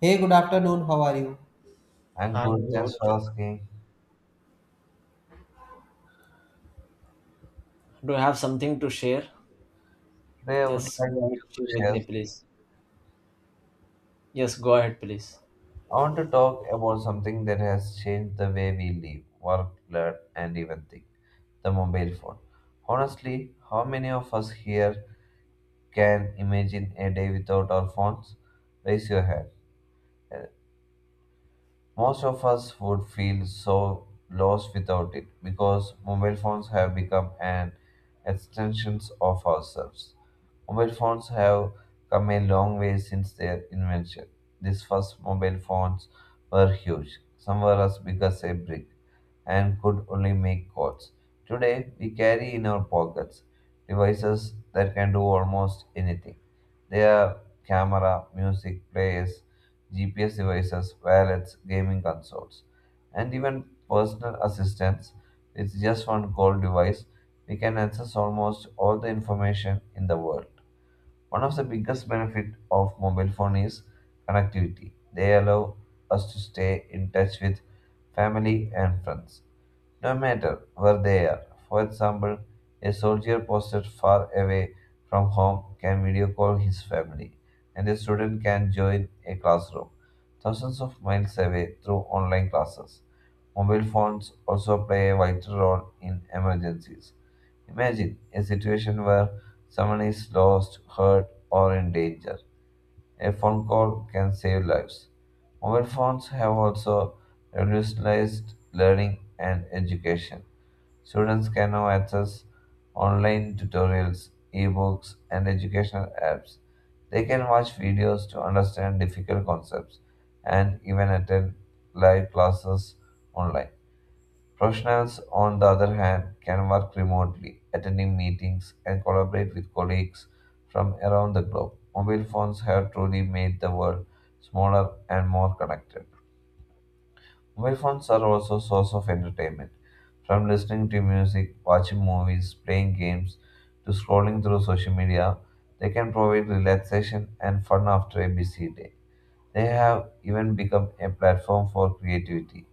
Hey, good afternoon. How are you? I'm I'm good, thanks good. for asking. Do you have something to share? Today I would Yes, like to go ahead, share with share. me, please. Yes, go ahead, please. I want to talk about something that has changed the way we live, work, learn, and even think the mobile phone. Honestly, how many of us here can imagine a day without our phones? Raise your hand. Most of us would feel so lost without it because mobile phones have become an extensions of ourselves. Mobile phones have come a long way since their invention. These first mobile phones were huge. Some were as big as a brick and could only make calls. Today, we carry in our pockets devices that can do almost anything. They are camera, music players, GPS devices, wallets, gaming consoles, and even personal assistants. With just one call device, we can access almost all the information in the world. One of the biggest benefits of mobile phone is connectivity. They allow us to stay in touch with family and friends no matter where they are. For example, a soldier posted far away from home can video call his family, and a student can join a classroom thousands of miles away through online classes. Mobile phones also play a vital role in emergencies. Imagine a situation where someone is lost, hurt, or in danger. A phone call can save lives. Mobile phones have also revolutionized learning and education. Students can now access online tutorials, ebooks, and educational apps. They can watch videos to understand difficult concepts and even attend live classes online. Professionals, on the other hand, can work remotely, attending meetings, and collaborate with colleagues from around the globe. Mobile phones have truly made the world smaller and more connected. Mobile phones are also a source of entertainment. From listening to music, watching movies, playing games, to scrolling through social media, they can provide relaxation and fun after a busy day. They have even become a platform for creativity,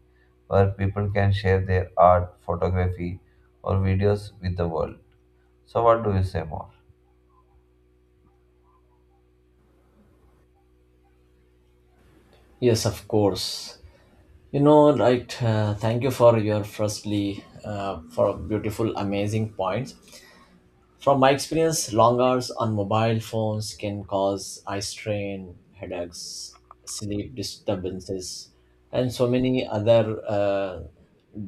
where people can share their art, photography, or videos with the world. So, what do you say more? Yes, of course. You know, right. Thank you for your firstly for beautiful, amazing points. From my experience, long hours on mobile phones can cause eye strain, headaches, sleep disturbances, and so many other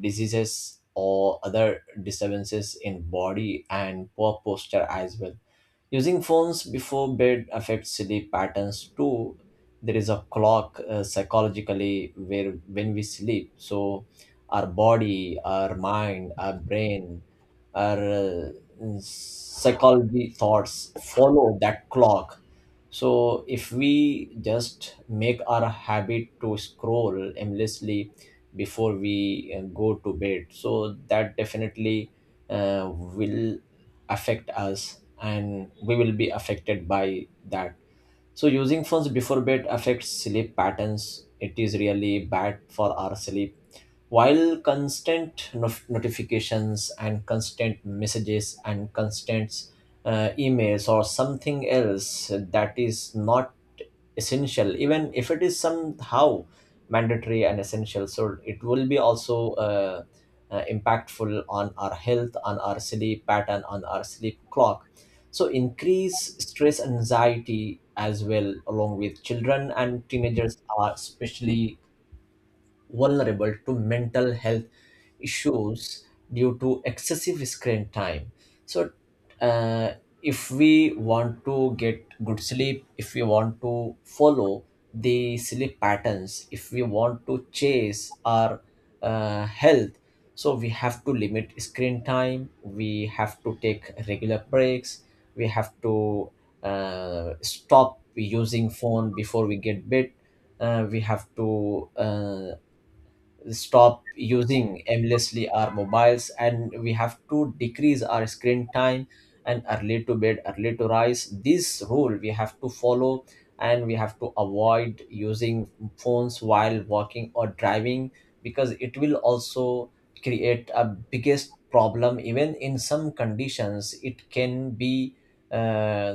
diseases or other disturbances in body, and poor posture as well. Using phones before bed affects sleep patterns too. There is a clock psychologically, where when we sleep, so our body, our mind, our brain, our psychology thoughts follow that clock. So if we just make our habit to scroll endlessly before we go to bed, so that definitely will affect us, and we will be affected by that. So using phones before bed affects sleep patterns, it is really bad for our sleep, while constant notifications and constant messages and constant emails or something else that is not essential, even if it is somehow mandatory and essential, so it will be also impactful on our health, on our sleep pattern, on our sleep clock. So increase stress anxiety as well, along with children and teenagers are especially vulnerable to mental health issues due to excessive screen time. So, uh, if we want to get good sleep, if we want to follow the sleep patterns, if we want to chase our health, so we have to limit screen time, we have to take regular breaks, we have to stop using phone before we get bed. We have to stop using aimlessly our mobiles, and we have to decrease our screen time, and early to bed early to rise this rule we have to follow. And we have to avoid using phones while walking or driving, because it will also create a biggest problem. Even in some conditions, uh,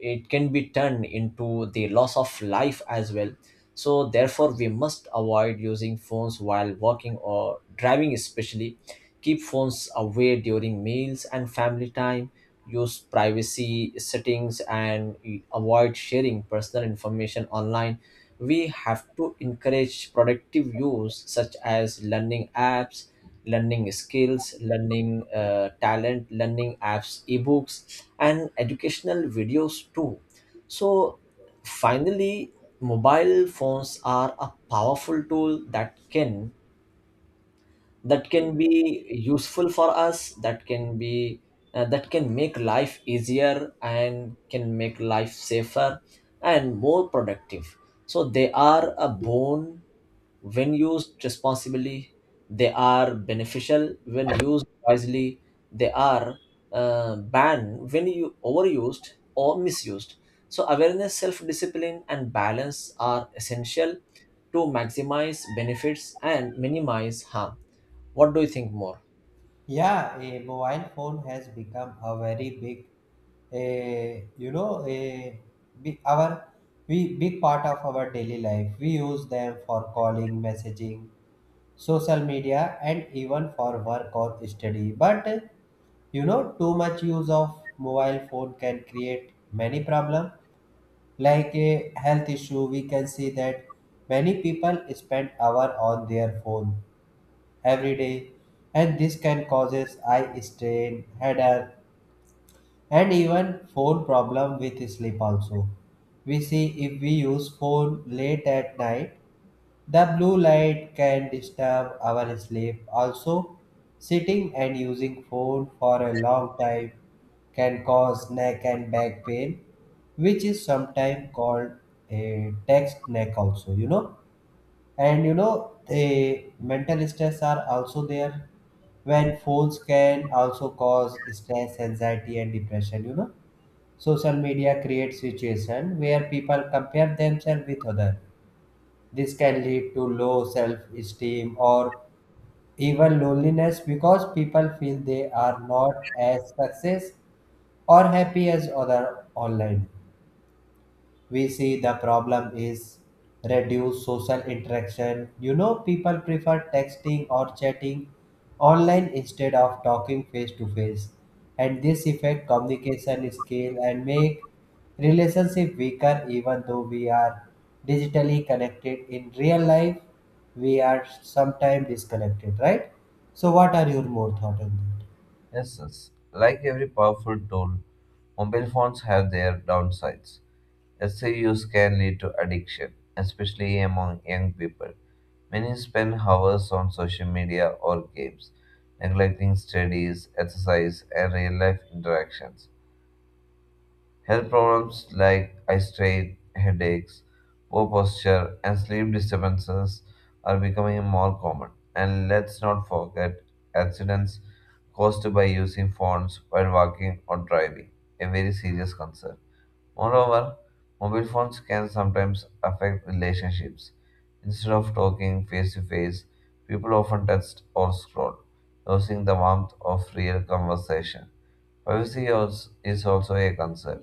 it can be turned into the loss of life as well. So therefore, we must avoid using phones while walking or driving especially, keep phones away during meals and family time, use privacy settings and avoid sharing personal information online. We have to encourage productive use such as learning apps, learning skills, learning talent, learning apps, ebooks, and educational videos too. So finally, mobile phones are a powerful tool that can be useful for us, that can be that can make life easier, and can make life safer and more productive. So they are a boon when used responsibly, they are beneficial when used wisely, they are banned when you overused or misused. So awareness, self discipline, and balance are essential to maximize benefits and minimize harm. What do you think more? Yeah, a mobile phone has become a very big, a big our big part of our daily life. We use them for calling, messaging, social media, and even for work or study. But too much use of mobile phone can create many problem like a health issue. We can see that many people spend hour on their phone every day, and this can causes eye strain, headache, and even phone problem with sleep also. We see if we use phone late at night, the blue light can disturb our sleep. Also, sitting and using phone for a long time can cause neck and back pain, which is sometimes called a text neck also, and the mental stress are also there when phones can also cause stress anxiety and depression. Social media creates situation where people compare themselves with others. This can lead to low self esteem or even loneliness because people feel they are not as success or happy as other online. We see the problem is reduced social interaction. You know, people prefer texting or chatting online instead of talking face to face, and this affect communication skill and make relationship weaker. Even though we are digitally connected in real life, we are sometimes disconnected, right? So, what are your more thought on this? Yes, yes. Like every powerful tool, mobile phones have their downsides. Excessive use can lead to addiction, especially among young people. Many spend hours on social media or games, neglecting studies, exercise, and real life interactions. Health problems like eye strain, headaches, poor posture, and sleep disturbances are becoming more common. And let's not forget accidents caused by using phones while walking or driving, a very serious concern. Moreover, mobile phones can sometimes affect relationships. Instead of talking face to face, people often text or scroll, losing the warmth of real conversation. Privacy is also a concern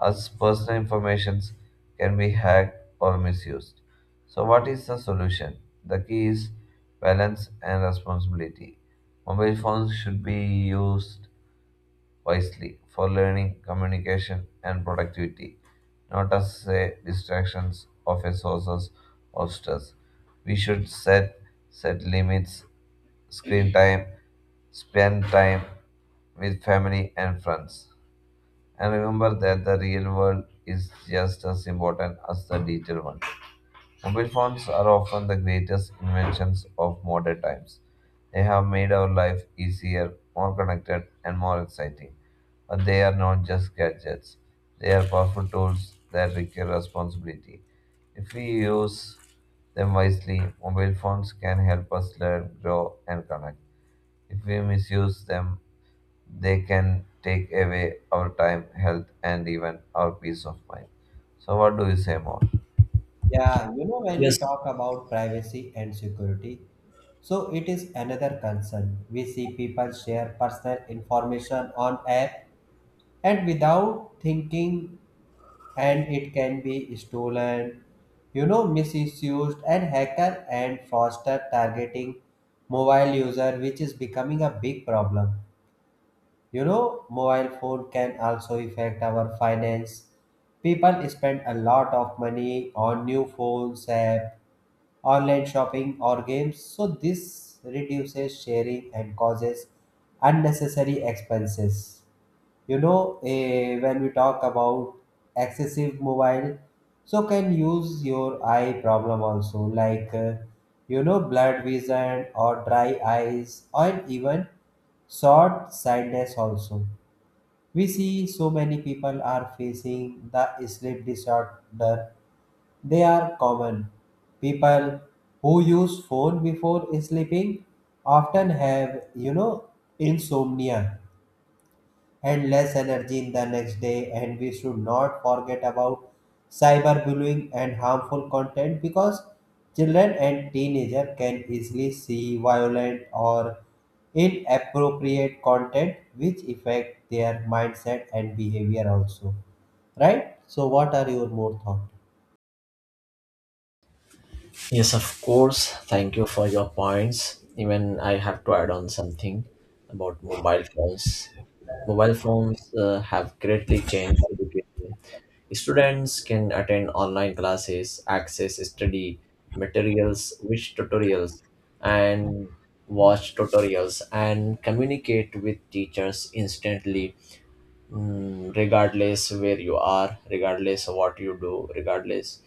as personal information can be hacked or misused. So, what is the solution? The key is balance and responsibility. Mobile phones should be used wisely for learning, communication, and productivity, not as a distractions of a sources of stress. We should set limits, screen time, spend time with family and friends and remember that the real world is just as important as the digital one. Mobile phones are often the greatest inventions of modern times. They have made our life easier, more connected, and more exciting. But they are not just gadgets, they are powerful tools that require responsibility. If we use them wisely, mobile phones can help us learn, grow, and connect. If we misuse them, they can take away our time, health, and even our peace of mind. So, what do you say more? Yeah, you know, when we Yes, talk about privacy and security, so it is another concern. We see people share personal information on app and without thinking, and it can be stolen, misused, and hacker and fraudster targeting mobile user, which is becoming a big problem. You know, mobile phone can also affect our finance. People spend a lot of money on new phones, app, online shopping or games, so this reduces sharing and causes unnecessary expenses. When we talk about excessive mobile, so can use your eye problem also, like blurred vision or dry eyes or even short sightedness also. We see so many people are facing the sleep disorder, they are common. People who use phone before sleeping often have, insomnia and less energy in the next day. And we should not forget about cyberbullying and harmful content because children and teenagers can easily see violent or inappropriate content which affect their mindset and behavior also. Right? So what are your more thoughts? yes, of course. Thank you for your points. Even I have to add on something about mobile phones. Mobile phones have greatly changed education. Students can attend online classes, access study materials, watch tutorials, and communicate with teachers instantly, mm, regardless where you are, regardless of what you do, regardless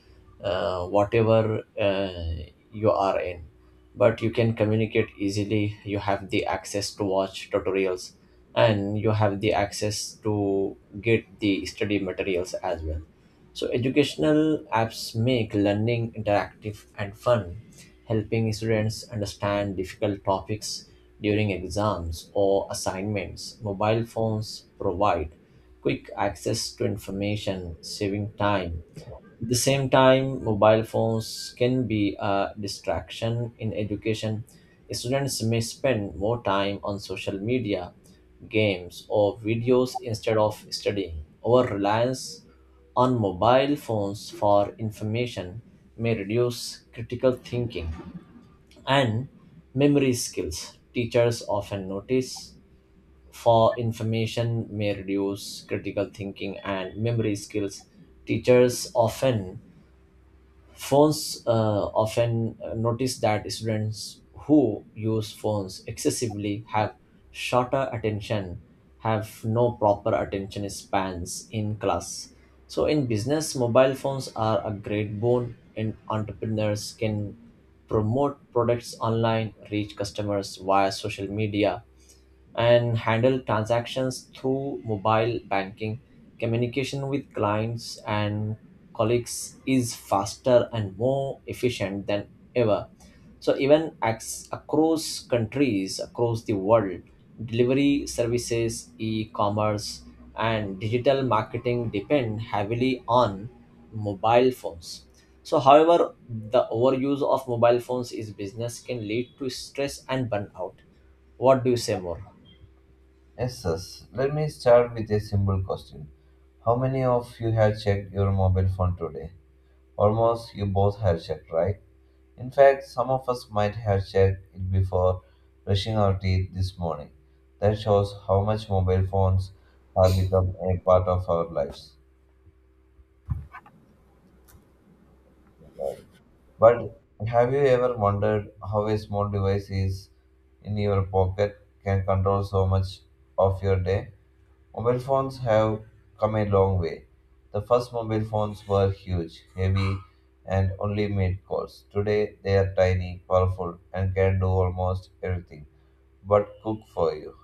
whatever you are in. But you can communicate easily. You have the access to watch tutorials, and you have the access to get the study materials as well. So educational apps make learning interactive and fun, helping students understand difficult topics during exams or assignments. Mobile phones provide quick access to information, saving time. At the same time, mobile phones can be a distraction in education. Students may spend more time on social media, games, or videos instead of studying. Over reliance on mobile phones for information may reduce critical thinking and memory skills. Teachers often notice for information may reduce critical thinking and memory skills. Teachers often Phones often notice that students who use phones excessively have shorter attention, have no proper attention spans in class. So, in business, mobile phones are a great boon, and entrepreneurs can promote products online, reach customers via social media, and handle transactions through mobile banking. Communication with clients and colleagues is faster and more efficient than ever. So, even across countries, across the world, delivery services, e commerce, and digital marketing depend heavily on mobile phones. So, however, the overuse of mobile phones is business can lead to stress and burnout. What do you say more? Yes, yes. Let me start with a simple question. How many of you have checked your mobile phone today? Almost you both have checked, right? In fact, some of us might have checked it before brushing our teeth this morning. That shows how much mobile phones have become a part of our lives. Right. But have you ever wondered how a small device is in your pocket can control so much of your day? Mobile phones have come a long way. The first mobile phones were huge, heavy, and only made calls. Today they are tiny, powerful, and can do almost everything but cook for you.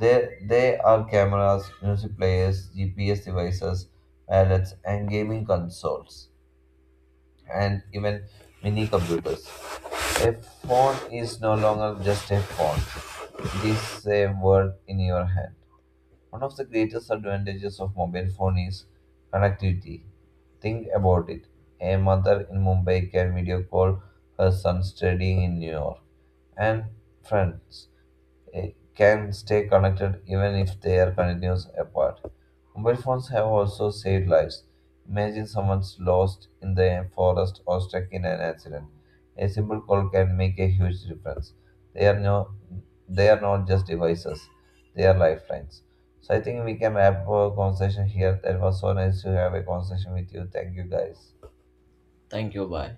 They are cameras, music players, GPS devices, wallets, and gaming consoles and even mini computers. A phone is no longer just a phone, it is a world in your hand. One of the greatest advantages of mobile phone is connectivity. Think about it. A mother in Mumbai can video call her son studying in New York and friends can stay connected even if they are continuous apart. Mobile phones have also saved lives. Imagine someone's lost in the forest or stuck in an accident. A simple call can make a huge difference. They are no, they are not just devices; they are lifelines. So I think we can wrap our conversation here. That was so nice to have a conversation with you. Thank you, guys. Thank you. Bye.